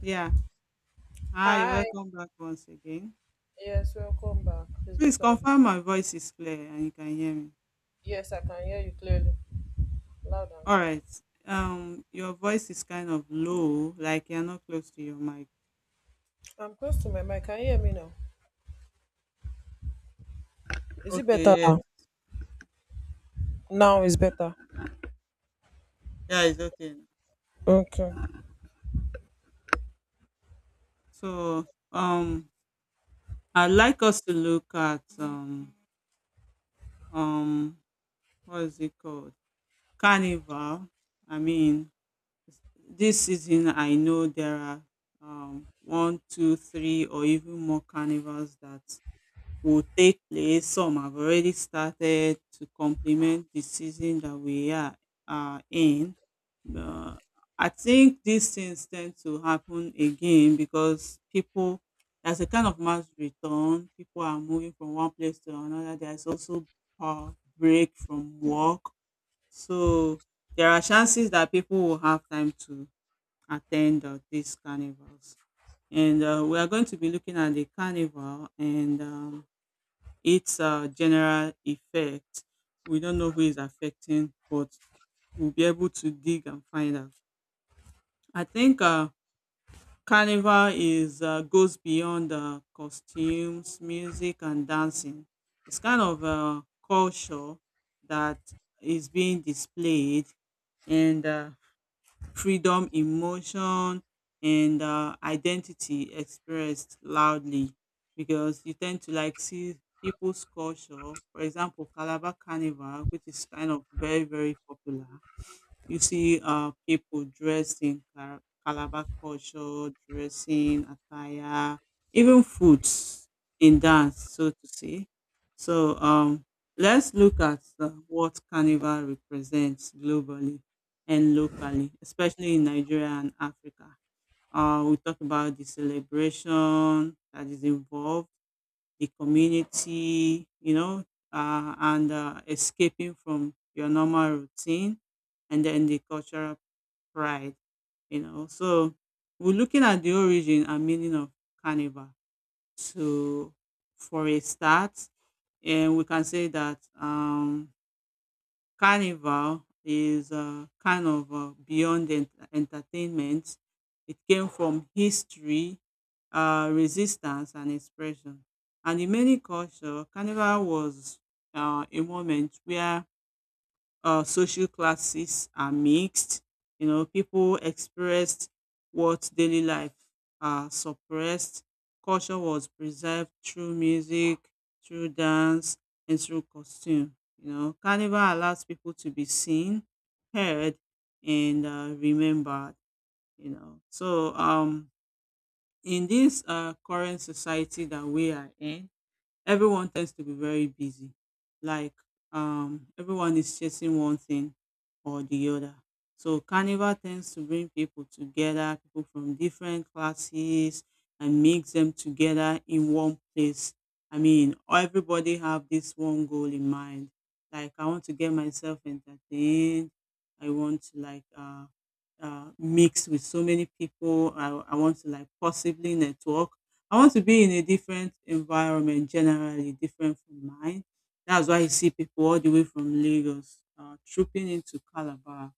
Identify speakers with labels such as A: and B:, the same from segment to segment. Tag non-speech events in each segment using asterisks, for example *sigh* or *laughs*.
A: Yeah. Hi,
B: Hi.
A: welcome back once again.
B: Yes, welcome back. It's good
A: Please
B: to have you.
A: confirm my voice is clear and you can hear me.
B: Yes, I can hear you clearly, loud and
A: All
B: clear.
A: right. Your voice is kind of low, like you're not close to your mic.
B: I'm close to my mic. Can you hear me now? Is it better
A: Okay,
B: now?
A: yes.
B: Now is better.
A: Yeah, it's okay now.
B: Okay.
A: So, um, I'd like us to look at um, what is it called? Carnival. I mean, this season I know there are one, two, three, or even more carnivals that will take place. Some have already started to complement the season that we are in. Uh, I think these things tend to happen again because people there's a kind of mass return. People are moving from one place to another. There's also a break from work. So there are chances that people will have time to attend these carnivals. And we are going to be looking at the carnival and its general effect. We don't know who is affecting, but we'll be able to dig and find out. I think Carnival is goes beyond costumes, music, and dancing. It's kind of a culture that is being displayed, and freedom, emotion, and identity expressed loudly because you tend to like see people's culture. For example, Calabar Carnival, which is kind of very, very popular. You see people dressed in Calabar culture, dressing, attire, even foods in dance, so to say. So um, let's look at what Carnival represents globally and locally, especially in Nigeria and Africa. We talk about the celebration that is involved the community, you know, and escaping from your normal routine, and then the cultural pride, you know. So we're looking at the origin and meaning of carnival. So for a start, and we can say that Carnival is kind of beyond entertainment. It came from history, resistance, and expression. And in many cultures, Carnival was a moment where social classes are mixed. You know, people expressed what daily life suppressed. Culture was preserved through music, through dance, and through costume. You know, Carnival allows people to be seen, heard, and remembered. You know, so um, in this current society that we are in, everyone tends to be very busy. Like everyone is chasing one thing or the other. So carnival tends to bring people together, people from different classes, and mix them together in one place. I mean, everybody have this one goal in mind. Like I want to get myself entertained. I want to like mix with so many people. I want to like possibly network. I want to be in a different environment generally, different from mine. That's why you see people all the way from Lagos trooping into Calabar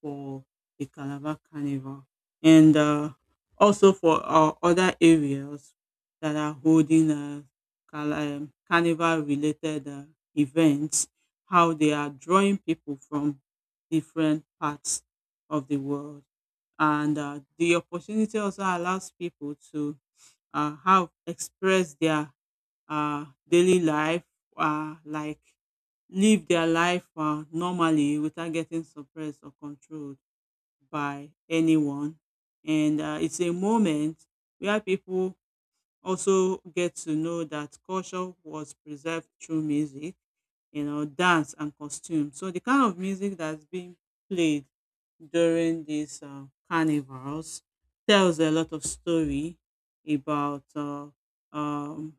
A: for the Calabar Carnival. And also for other areas that are holding carnival related events, how they are drawing people from different parts of the world. And the opportunity also allows people to how express their daily life, like live their life normally without getting suppressed or controlled by anyone. And it's a moment where people also get to know that culture was preserved through music, you know, dance and costume. So the kind of music that's being played during these carnivals tells a lot of story about um,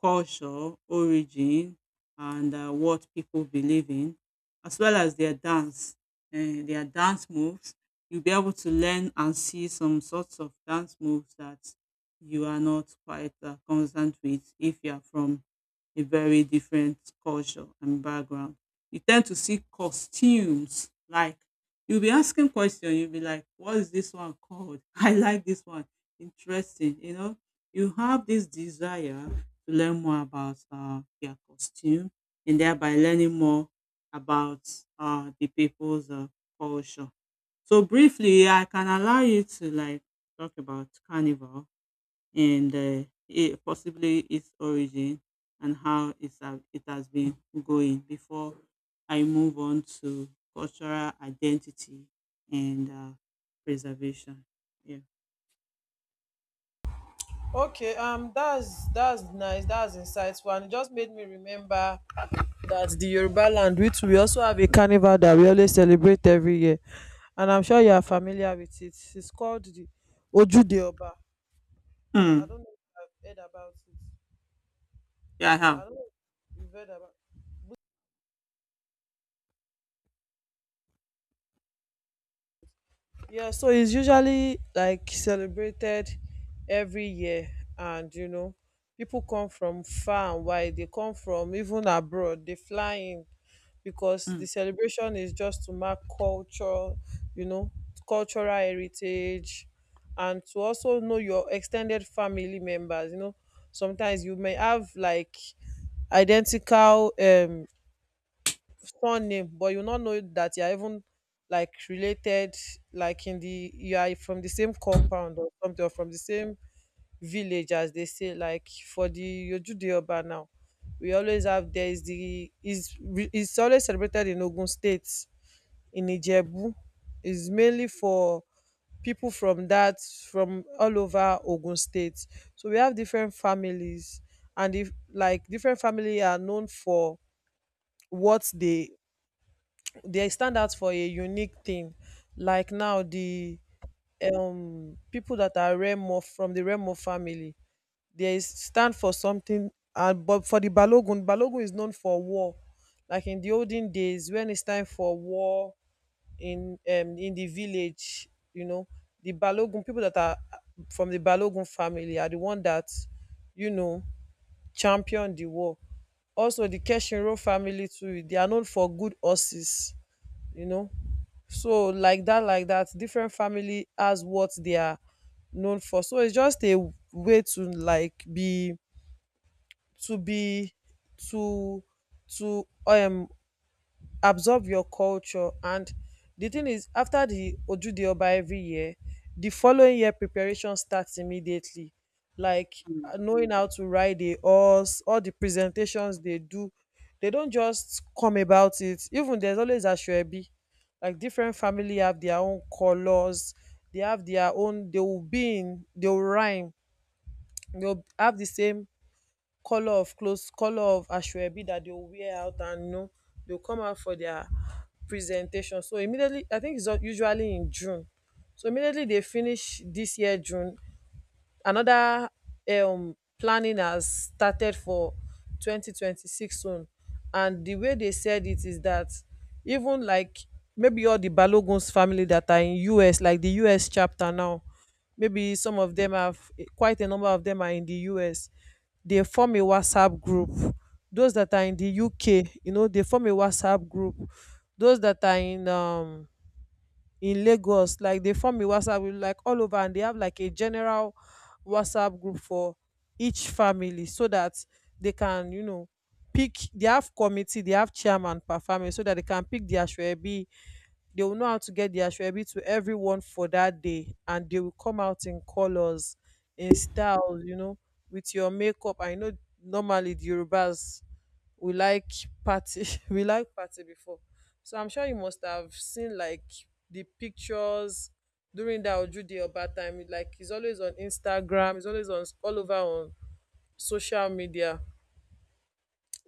A: culture, origin and what people believe in, as well as uh, their dance moves. You'll be able to learn and see some sorts of dance moves that you are not quite constant with if you are from a very different culture and background. You tend to see costumes like you'll be asking questions. You'll be like, "What is this one called? *laughs* I like this one. Interesting." You know, you have this desire to learn more about their costume and thereby learning more about the people's culture. So briefly, I can allow you to like talk about carnival and it, possibly its origin and how it has been going before I move on to cultural identity and preservation. Yeah.
B: Okay. That's nice. That's insightful, and it just made me remember that the Yoruba land, which we also have a carnival that we always celebrate every year, and I'm sure you are familiar with it. It's called the Ojude Oba. I
A: Mm.
B: don't know if I've heard about it.
A: Yeah, I have.
B: I don't know if you've heard about. Yeah, so it's usually like celebrated every year, and you know, people come from far and wide. They come from even abroad. They fly in because
A: Mm.
B: the celebration is just to mark culture, you know, cultural heritage, and to also know your extended family members. You know, sometimes you may have like identical surname but you not know that you are even like related like in the you are from the same compound or something or from the same village as they say like for the Yojudeoba now we always have there is the is always celebrated in Ogun State in Ijebu is mainly for people from that from all over Ogun State, so we have different families. And if like different family are known for what they stand out for a unique thing. Like now, the people that are Remo from the Remo family, they stand for something. And but for the Balogun, Balogun is known for war. Like in the olden days, when it's time for war in the village, you know, the Balogun people that are from the Balogun family are the one that, you know, champion the war. Also, the Keshinro family too, they are known for good horses, you know. So like that, different family has what they are known for. So it's just a way to like be to to absorb your culture. And the thing is, after the Ojude Oba every year, the following year preparation starts immediately. Like
A: Mm.
B: knowing how to ride a horse, all the presentations they do, they don't just come about it. Even there's always Ashwebi. Like different family have their own colors, they have their own, they will be in, they will rhyme, they'll have the same color of clothes, color of asoebi, that they will wear out. And you know, they will come out for their presentation. So immediately, I think it's usually in June, so immediately they finish this year June, another planning has started for 2026 soon. And the way they said it is that even like maybe all the Balogun's family that are in US, like the US chapter now, maybe some of them have quite a number of them are in the US. They form a WhatsApp group. Those that are in the UK, you know, they form a WhatsApp group. Those that are in Lagos, like they form a WhatsApp group like all over. And they have like a general WhatsApp group for each family so that they can, you know, pick, they have committee, they have chairman per family so that they can pick their Ashwebi. They will know how to get the Ashwebi to everyone for that day and they will come out in colors, in styles, you know, with your makeup. I know normally the Yorubas we like party *laughs* we like party before, so I'm sure you must have seen like the pictures during that Ojude Oba time. It, like he's always on Instagram, he's always on all over on social media.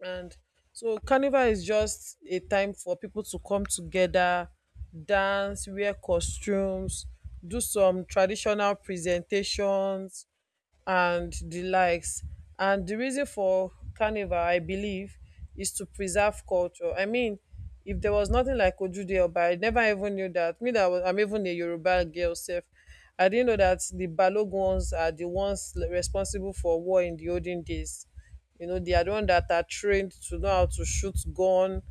B: And so carnival is just a time for people to come together, dance, wear costumes, do some traditional presentations and the likes. And the reason for carnival, I believe, is to preserve culture. I mean, if there was nothing like Ojude Oba, I never even knew that. Me, that was, I'm even a Yoruba girl self. I didn't know that the Balogons are the ones responsible for war in the olden days. You know, they are the ones that are trained to know how to shoot gun,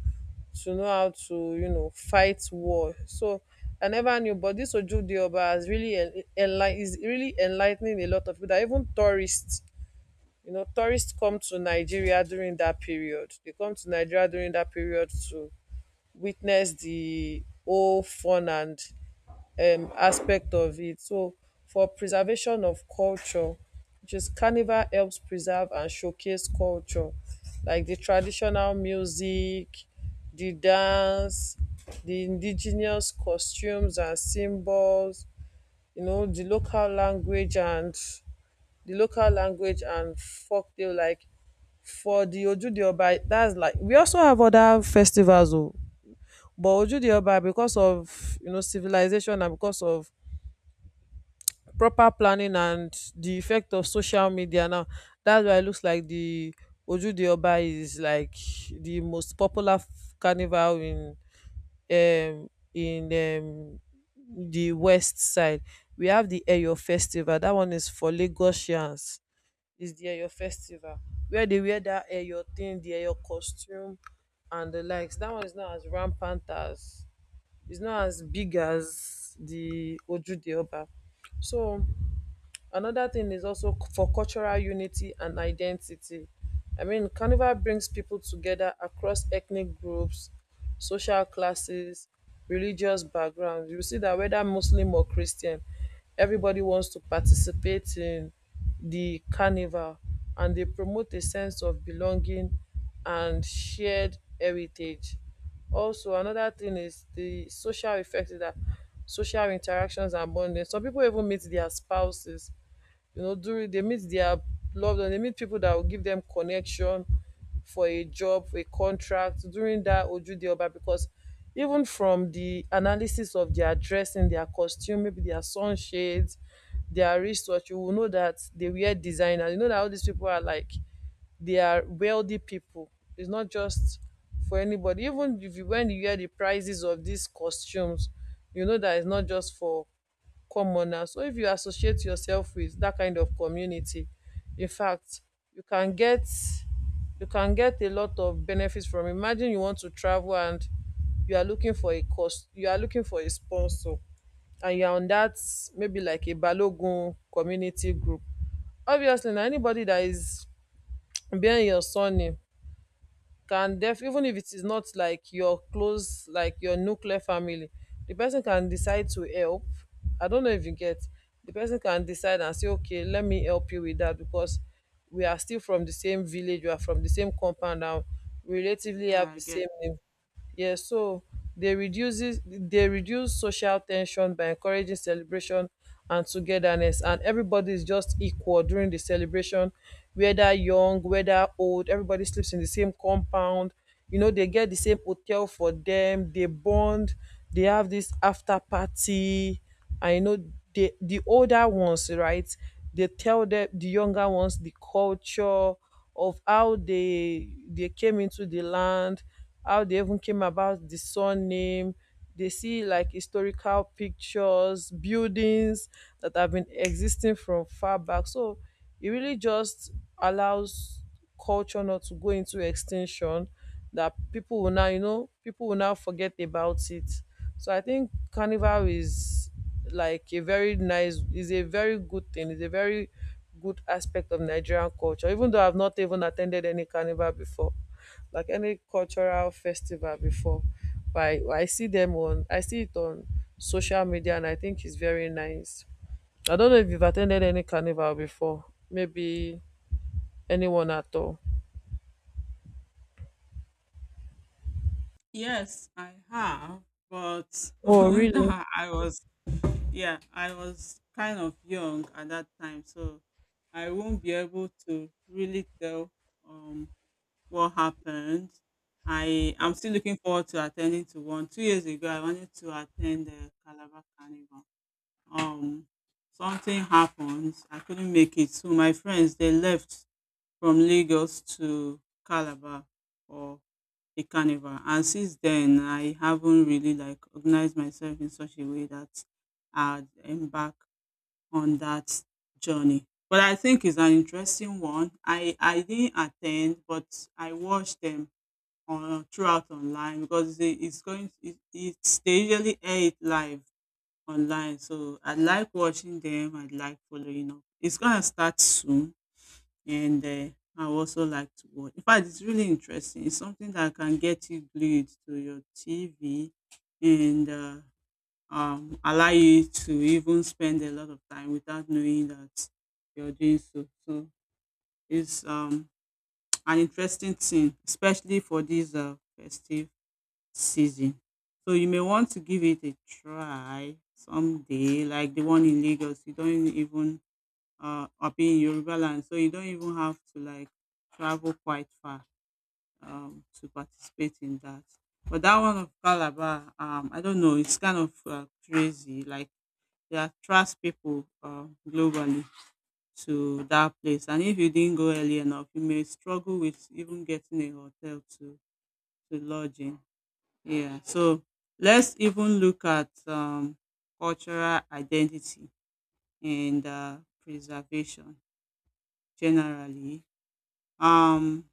B: to know how to, you know, fight war. So I never knew, but this Ojude Oba has really is really enlightening a lot of people that even tourists, you know, tourists come to Nigeria during that period. They come to Nigeria during that period to witness the whole fun and aspect of it. So for preservation of culture, which is carnival helps preserve and showcase culture, like the traditional music, the dance, the indigenous costumes and symbols, you know, the local language and folktale. Like for the Ojude, that's like, we also have other festivals oh, but Ojude, because of you know civilization and because of proper planning and the effect of social media now, that's why it looks like the Ojude Oba is like the most popular carnival in the west side. We have the Eyo Festival. That one is for Lagosians. Is the Eyo Festival where they wear that Eyo thing, the Eyo costume, and the likes. That one is not as rampant as it's not as big as the Ojude Oba. So another thing is also for cultural unity and identity. I mean, Carnival brings people together across ethnic groups, social classes, religious backgrounds. You see that whether Muslim or Christian, everybody wants to participate in the carnival, and they promote a sense of belonging and shared heritage. Also, another thing is the social effect is that social interactions and bonding. Some people even meet their spouses, you know, during they meet their loved one, they meet people that will give them connection for a job, for a contract during that Ojude Oba, because even from the analysis of their dressing, their costume, maybe their sunshades, their wristwatch, you will know that they wear designer. You know that all these people are like, they are wealthy people. It's not just for anybody. Even if you when you hear the prices of these costumes, you know that it's not just for common now. So if you associate yourself with that kind of community, in fact, you can get you can get a lot of benefits from it. Imagine you want to travel and you are looking for a cost, you are looking for a sponsor, and you are on that maybe like a Balogun community group. Obviously, now anybody that is bearing your surname can def, even if it is not like your close, like your nuclear family, the person can decide to help. I don't know if you get, the person can decide and say, okay, let me help you with that, because we are still from the same village, we are from the same compound, and we relatively
A: Yeah,
B: have
A: I
B: the
A: get.
B: same name. Yeah, so they reduce social tension by encouraging celebration and togetherness, and everybody is just equal during the celebration, whether young, whether old. Everybody sleeps in the same compound. You know, they get the same hotel for them. They bond. They have this after party. I you know the older ones, right? They tell them the younger ones the culture of how they came into the land, how they even came about the surname. They see like historical pictures, buildings that have been existing from far back. So it really just allows culture not to go into extinction, that people will now, you know, people will now forget about it. So I think carnival is like a very nice, is a very good thing, it's a very good aspect of Nigerian culture, even though I've not even attended any carnival before, like any cultural festival before. But I see them on, I see it on social media, and I think it's very nice. I don't know if you've attended any carnival before, maybe anyone at all.
A: Yes, I have, but
B: Oh
A: *laughs*
B: really?
A: yeah, I was kind of young at that time, so I won't be able to really tell um what happened. I'm still looking forward to attending to one. 2 years ago, I wanted to attend the Calabar Carnival. Um, Something happened. I couldn't make it. So my friends they left from Lagos to Calabar for the carnival, and since then I haven't really like organized myself in such a way that I'd embark on that journey. But I think it's an interesting one. I didn't attend, but I watched them on throughout online because it's going it's they usually air it live online, so I like watching them. I like following up. It's gonna start soon and I would also like to watch. In fact, it's really interesting. It's something that can get you glued to your TV and allow you to even spend a lot of time without knowing that you're doing so. So it's an interesting thing, especially for this festive season. So you may want to give it a try someday, like the one in Lagos. You don't even or being Yoruba land. So you don't even have to like travel quite far to participate in that. But that one of Calabar, I don't know, it's kind of crazy. Like they attract people globally to that place, and if you didn't go early enough, you may struggle with even getting a hotel to lodge in. Yeah, so let's even look at cultural identity and preservation generally. Um,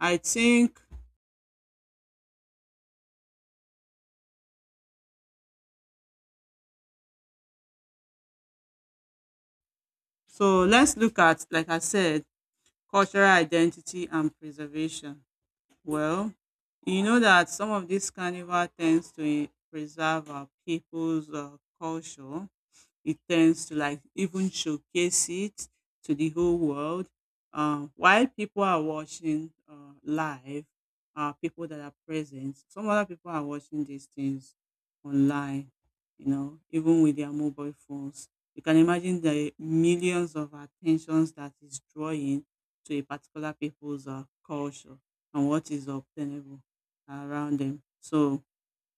A: I think so. Let's look at, like I said, cultural identity and preservation. Well, you know that some of this carnival tends to preserve our people's culture. It tends to like even showcase it to the whole world. While people are watching live, people that are present, some other people are watching these things online, you know, even with their mobile phones. You can imagine the millions of attentions that is drawing to a particular people's culture and what is obtainable around them. So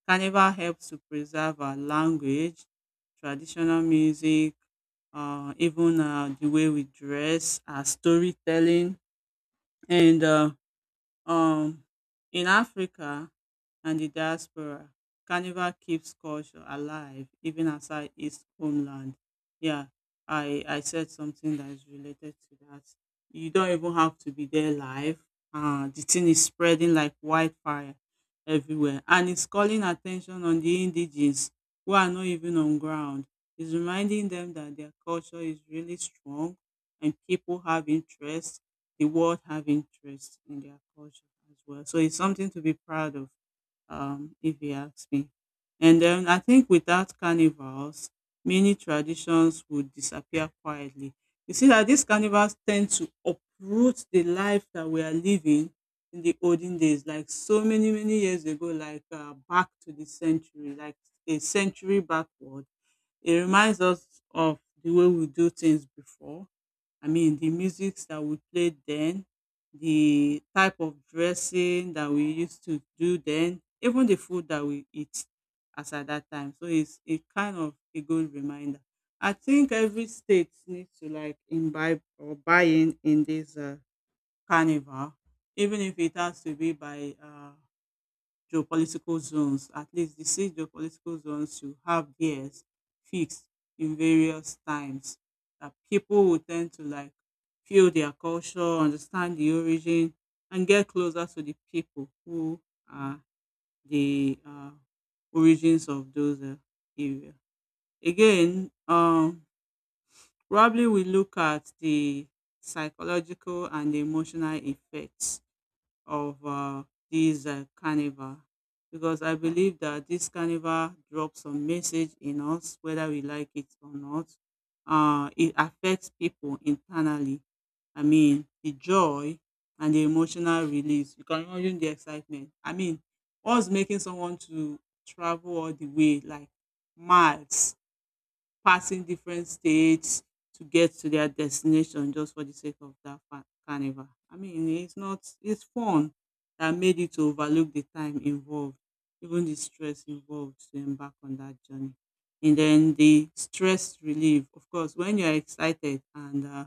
A: Carnival helps to preserve our language, traditional music, even the way we dress, our storytelling, and um, in Africa and the diaspora, Carnival keeps culture alive even outside its homeland. Yeah, I said something that is related to that. You don't even have to be there live. The thing is spreading like wildfire everywhere, and it's calling attention on the indigenes who are not even on ground. It's reminding them that their culture is really strong and people have interest the world have interest in their culture as well. So it's something to be proud of, if you ask me. And then I think without carnivals, many traditions would disappear quietly. You see that these carnivals tend to uproot the life that we are living in the olden days, like so many, many years ago, like back to the century, like a century backward. It reminds us of the way we do things before. I mean the musics that we played then, the type of dressing that we used to do then, even the food that we eat as at that time. So it's a kind of a good reminder. I think every state needs to like imbibe or buy in this carnival, even if it has to be by geopolitical zones, at least the six geopolitical zones you have theirs fixed in various times that people will tend to like feel their culture, understand the origin, and get closer to the people who are the origins of those area. Again, probably we look at the psychological and the emotional effects of this carnival, because I believe that this carnival drops a message in us, whether we like it or not. It affects people internally. I mean, the joy and the emotional release. You can imagine the excitement. I mean, what's making someone to travel all the way, like miles passing different states to get to their destination just for the sake of that carnival. I mean, it's not, it's fun that made you to overlook the time involved, even the stress involved to embark on that journey. And then the stress relief, of course, when you're excited and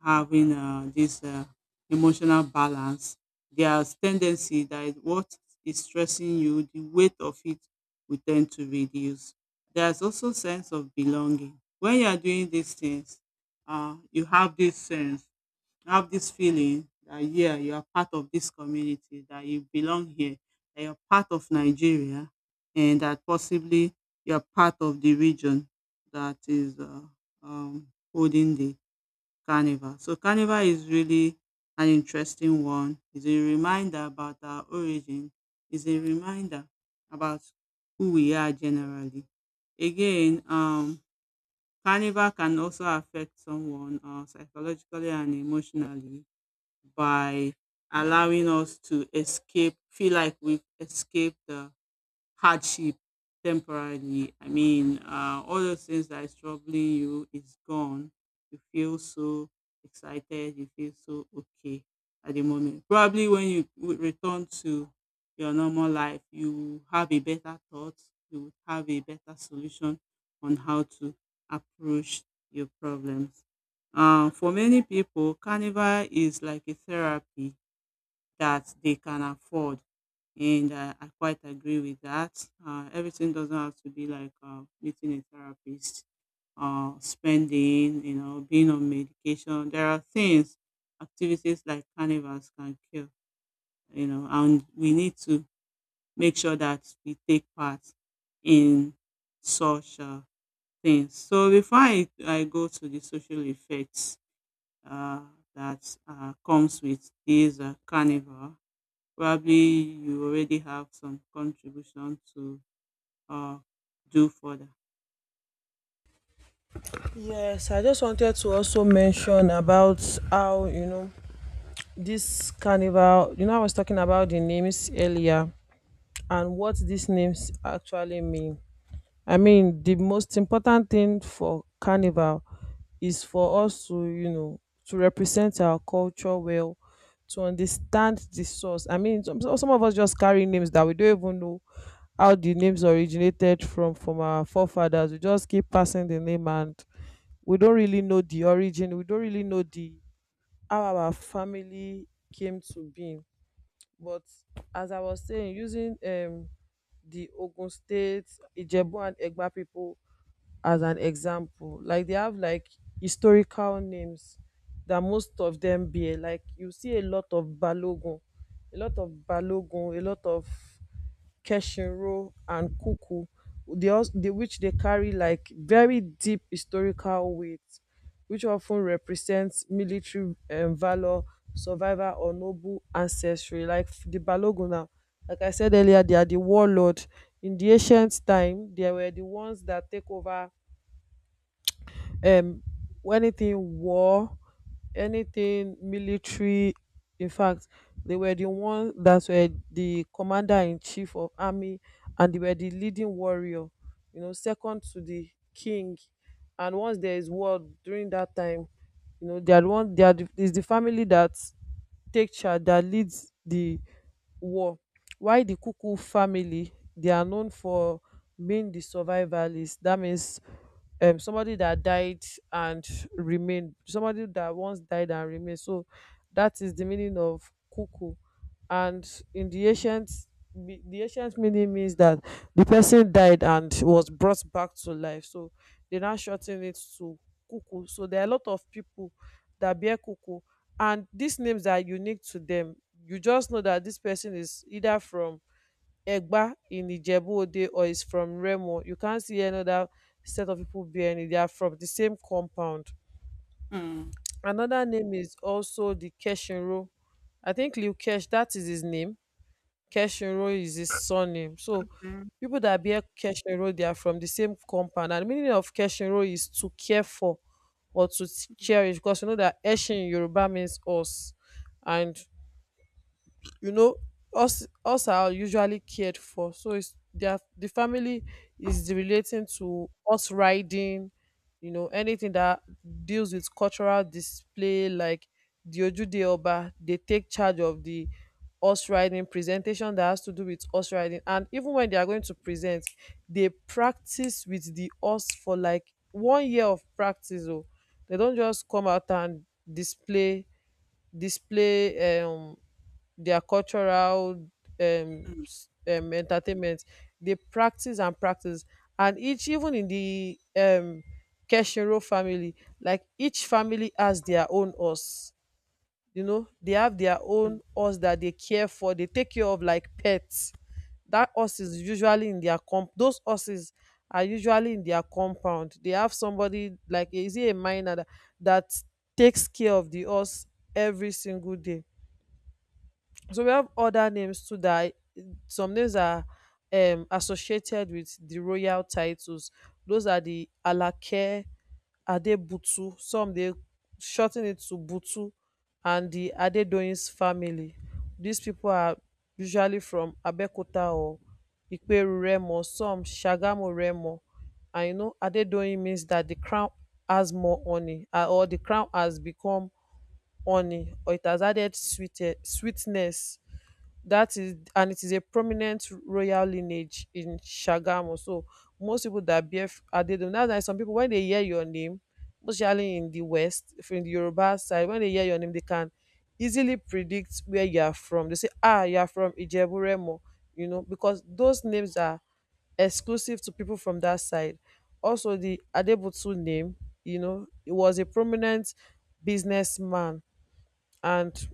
A: having this emotional balance, there's tendency that what is stressing you, the weight of it will tend to reduce. There's also sense of belonging. When you are doing these things, you have this sense, you have this feeling that yeah, you are part of this community, that you belong here, that you're part of Nigeria, and that possibly you're part of the region that is um, holding the Carnival. So Carnival is really an interesting one. It's a reminder about our origin. It's a reminder about who we are generally. Again, Carnival can also affect someone psychologically and emotionally by allowing us to escape, feel like we've escaped the hardship temporarily. I mean, all those things that is troubling you is gone. You feel so excited. You feel so okay at the moment. Probably when you return to your normal life, you have a better thought. You would have a better solution on how to approach your problems. For many people, carnival is like a therapy that they can afford. And I quite agree with that. Everything doesn't have to be like meeting a therapist, spending, you know, being on medication. There are things, activities like carnivals can kill, you know, and we need to make sure that we take part in such things. So before I go to the social effects uh, that comes with this carnival, probably you already have some contribution to uh, do further.
B: Yes, I just wanted to also mention about how, you know, this carnival, you know, I was talking about the names earlier, and what these names actually mean. I mean, the most important thing for carnival is for us to, you know, to represent our culture well, to understand the source. I mean, some of us just carry names that we don't even know how the names originated from our forefathers. We just keep passing the name and we don't really know the origin. We don't really know the how our family came to being, but as I was saying, using the Ogun State, Ijebu and Egba people as an example, like they have like historical names that most of them bear. Like you see a lot of Balogun, a lot of kesheru and kukku which dey carry like very deep historical weight which of ten represent military valour, survival or noble ancestry. Like di balogun now, like I said earlier, they are di warlord. In di ancient time they were di ones dat take over um anything war, anything military. In fact, they were the one that were the commander in chief of army, and they were the leading warrior, you know, second to the king. And once there is war during that time, you know, they are the one they are the, is the family that take dat lead di war. While di kuku family, they are known for being the survivalists. Dat means somebody dat died and remain, somebody dat once died and remain, so dat is the meaning of kuku. And in the ancient, the ancient meaning means dat the person died and was brought back to life, so they now shor ten it to kuku. So there are a lot of people dat bear kuku, and these names are unique to them. You just know that this person is either from Egba in Ijebu-Ode or is from Remo. You can't see another set of people bearing it. They are from the same compound.
A: Mm,
B: Another name is also the Keshinro. I think Liu Kesh, that is his name. Keshinro is his surname. So
A: mm,
B: people that bear Keshinro, they are from the same compound. And the meaning of Keshinro is to care for or to
A: mm,
B: cherish, because you know that Eshin in Yoruba means us, and you know us are usually cared for, so it's their the family is relating to us riding, you know, anything that deals with cultural display. Like the ojude oba, they take charge of the horse riding presentation that has to do with horse riding. And even when they are going to present, they practice with the horse for like 1 year of practice oh. They don't just come out and display, display um their cultural
A: mm,
B: entertainment. They practice and practice, and each, even in the Keshiro family, like each family has their own horse. You know, they have their own horse that they care for. They take care of like pets. That horse is usually in their comp. Those horses are usually in their compound. They have somebody like, is it a minor that takes care of the horse every single day. So we have other names too that some names are associated with the royal titles. Those are the Alake, Adebutu. Some they shorten it to Butu, and the Adedoyin's family. These people are usually from Abeokuta or Iperu Remo, some Shagamu Remo. And you know, Adedoyin means that the crown has more honey, or the crown has become honey, or it has added sweet, sweetness, that is, and it is a prominent royal lineage in Shagamu. So most people that bear Adedoyin, that's why some people, when they hear your name, especially in the West, if in the Yoruba side, when they hear your name, they can easily predict where you are from. They say, ah, you are from Ijebu Remo, you know, because those names are exclusive to people from that side. Also, the Adebutu name, you know, he was a prominent businessman, and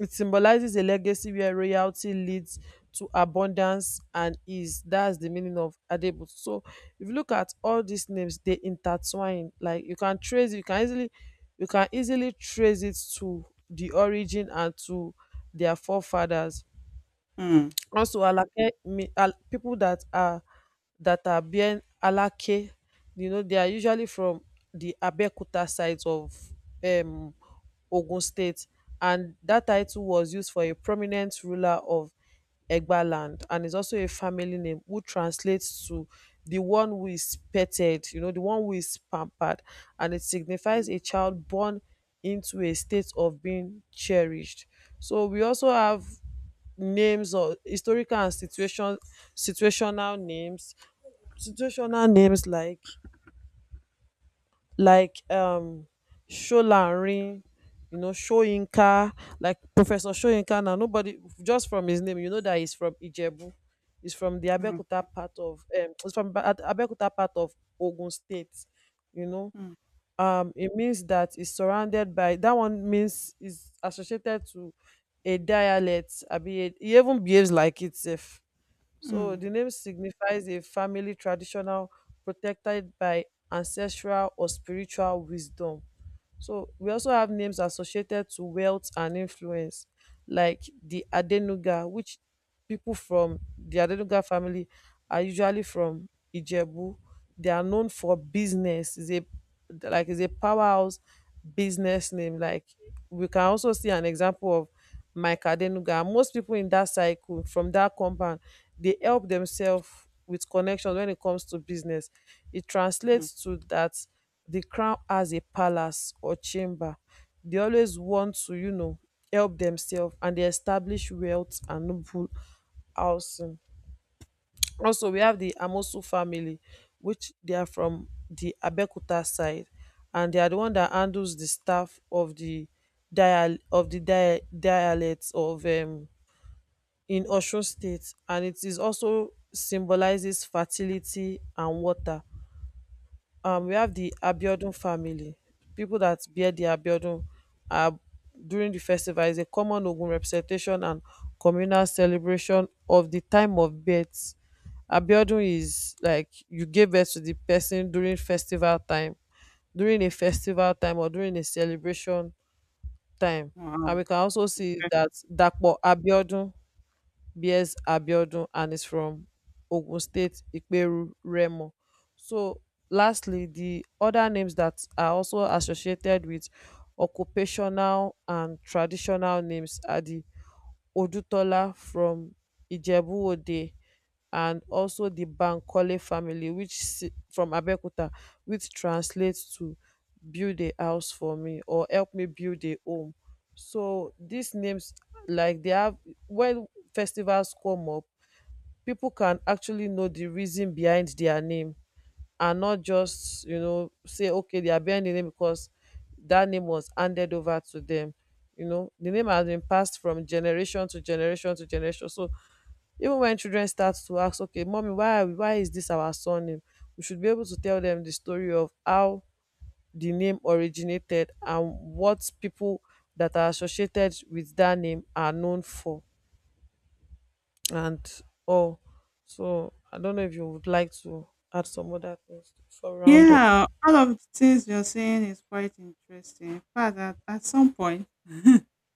B: it symbolizes a legacy where royalty leads to abundance and ease. That's the meaning of Adebutu. So if you look at all these names, they intertwine. Like you can trace, you can easily trace it to the origin and to their forefathers.
A: mm,
B: Also alake, people that are being alake, you know, they are usually from the abeokuta side of um ogun state, and that title was used for a prominent ruler of egba land, and is also a family name who translates to the one who is petted, you know, the one who is pampered, and it signifies
A: mm,
B: a child born into a state of being cherished. So we also have names or historical and situational names situational names like like um Sholanrin, you know, Shoyinka, like Professor Shoyinka now. Nobody, just from his name, you know that he's from Ijebu. He's from the
A: mm,
B: Abeokuta part of Abeokuta part of Ogun State, you know.
A: mm,
B: Um, it means that it's surrounded by, that one means, is associated to a dialect. I mean, he even behaves like itself. So the
A: mm,
B: name signifies a family traditional, protected by ancestral or spiritual wisdom. So we also have names associated to wealth and influence, like the Adenuga, which people from the Adenuga family are usually from Ijebu. They are known for business. Is a is a powerhouse business name. Like we can also see an example of Mike Adenuga. Most people in that cycle from that compound, they help themselves with connections when it comes to business. It
A: mm,
B: translates to that the crown has a palace or chamber. They always want to, you know, help demsef and dey establish wealth and noble housing. Also we have di amosu family, which they are from di Abeokuta side, and they are di one dat handles di staff of di dialect of in Osun state, and it is also symbolises fertility and water.
A: mm.
B: Um, we have the Abiodun family. People that bear the Abiodun are, during the festival, is a common Ogun representation and communal celebration of the time of birth. Abiodun is like you gave birth to the person during festival time, during a festival time, or during a celebration time. And
A: Wow.
B: we can also see that Dapo Abiodun, B.S. Abiodun, and is from Ogun State, Ikperu, Remo. So lastly, the other names that are also associated with occupational and traditional names are the odutola from ijebu-òde, and also the bankole family which from abeokuta, which translates to build a house for me, or help me build a home. So these names, like they have, when festivals come up, people can actually know the reason behind their name, and not just, you know, say okay, they are bearing the name because that name was handed over to them. You know, the name has been passed from generation to generation to generation. So even when children start to ask, okay mommy, why are why is this our surname, we should be able to tell them the story of how the name originated, and what people that are associated with that name are known for, and all. So I don't know if you would like to add some other things for round up.
A: Yeah, all of the things you're saying is quite interesting. In fact, at some point,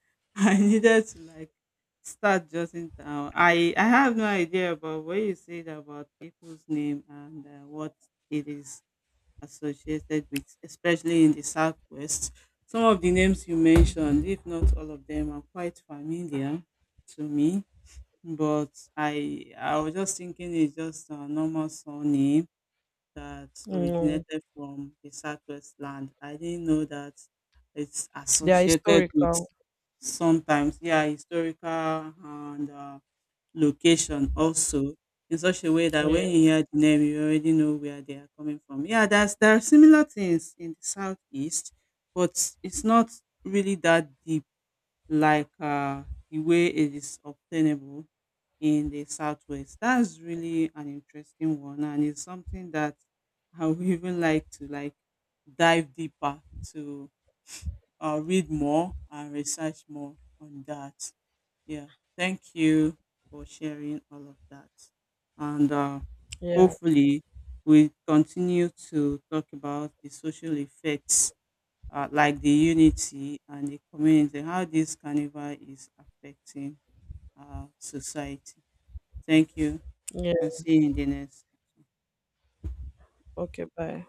A: *laughs* I needed to like start jotting down. I have no idea about what you said about people's name and what it is associated with, especially in the Southwest. Some of the names you mentioned, if not all of them, are quite familiar to me. But I was just thinking it's just a normal surname that
B: Mm.
A: originated from the Southwest land. I didn't know that it's
B: They are
A: associated with
B: historical.
A: sometimes, yeah, historical and location also in such a way that
B: Yeah,
A: when you hear the name, you already know where they are coming from. Yeah, that's there are similar things in the southeast, but it's not really that deep like the way it is obtainable in the southwest. That's really an interesting one, and it's something that I would even like to like dive deeper to read more and research more on that. Yeah, thank you for sharing all of that. And
B: yeah,
A: hopefully, we continue to talk about the social effects like the unity and the community, how this carnival is affecting society. Thank you
B: yeah.
A: and see you in the next.
B: Okay, bye.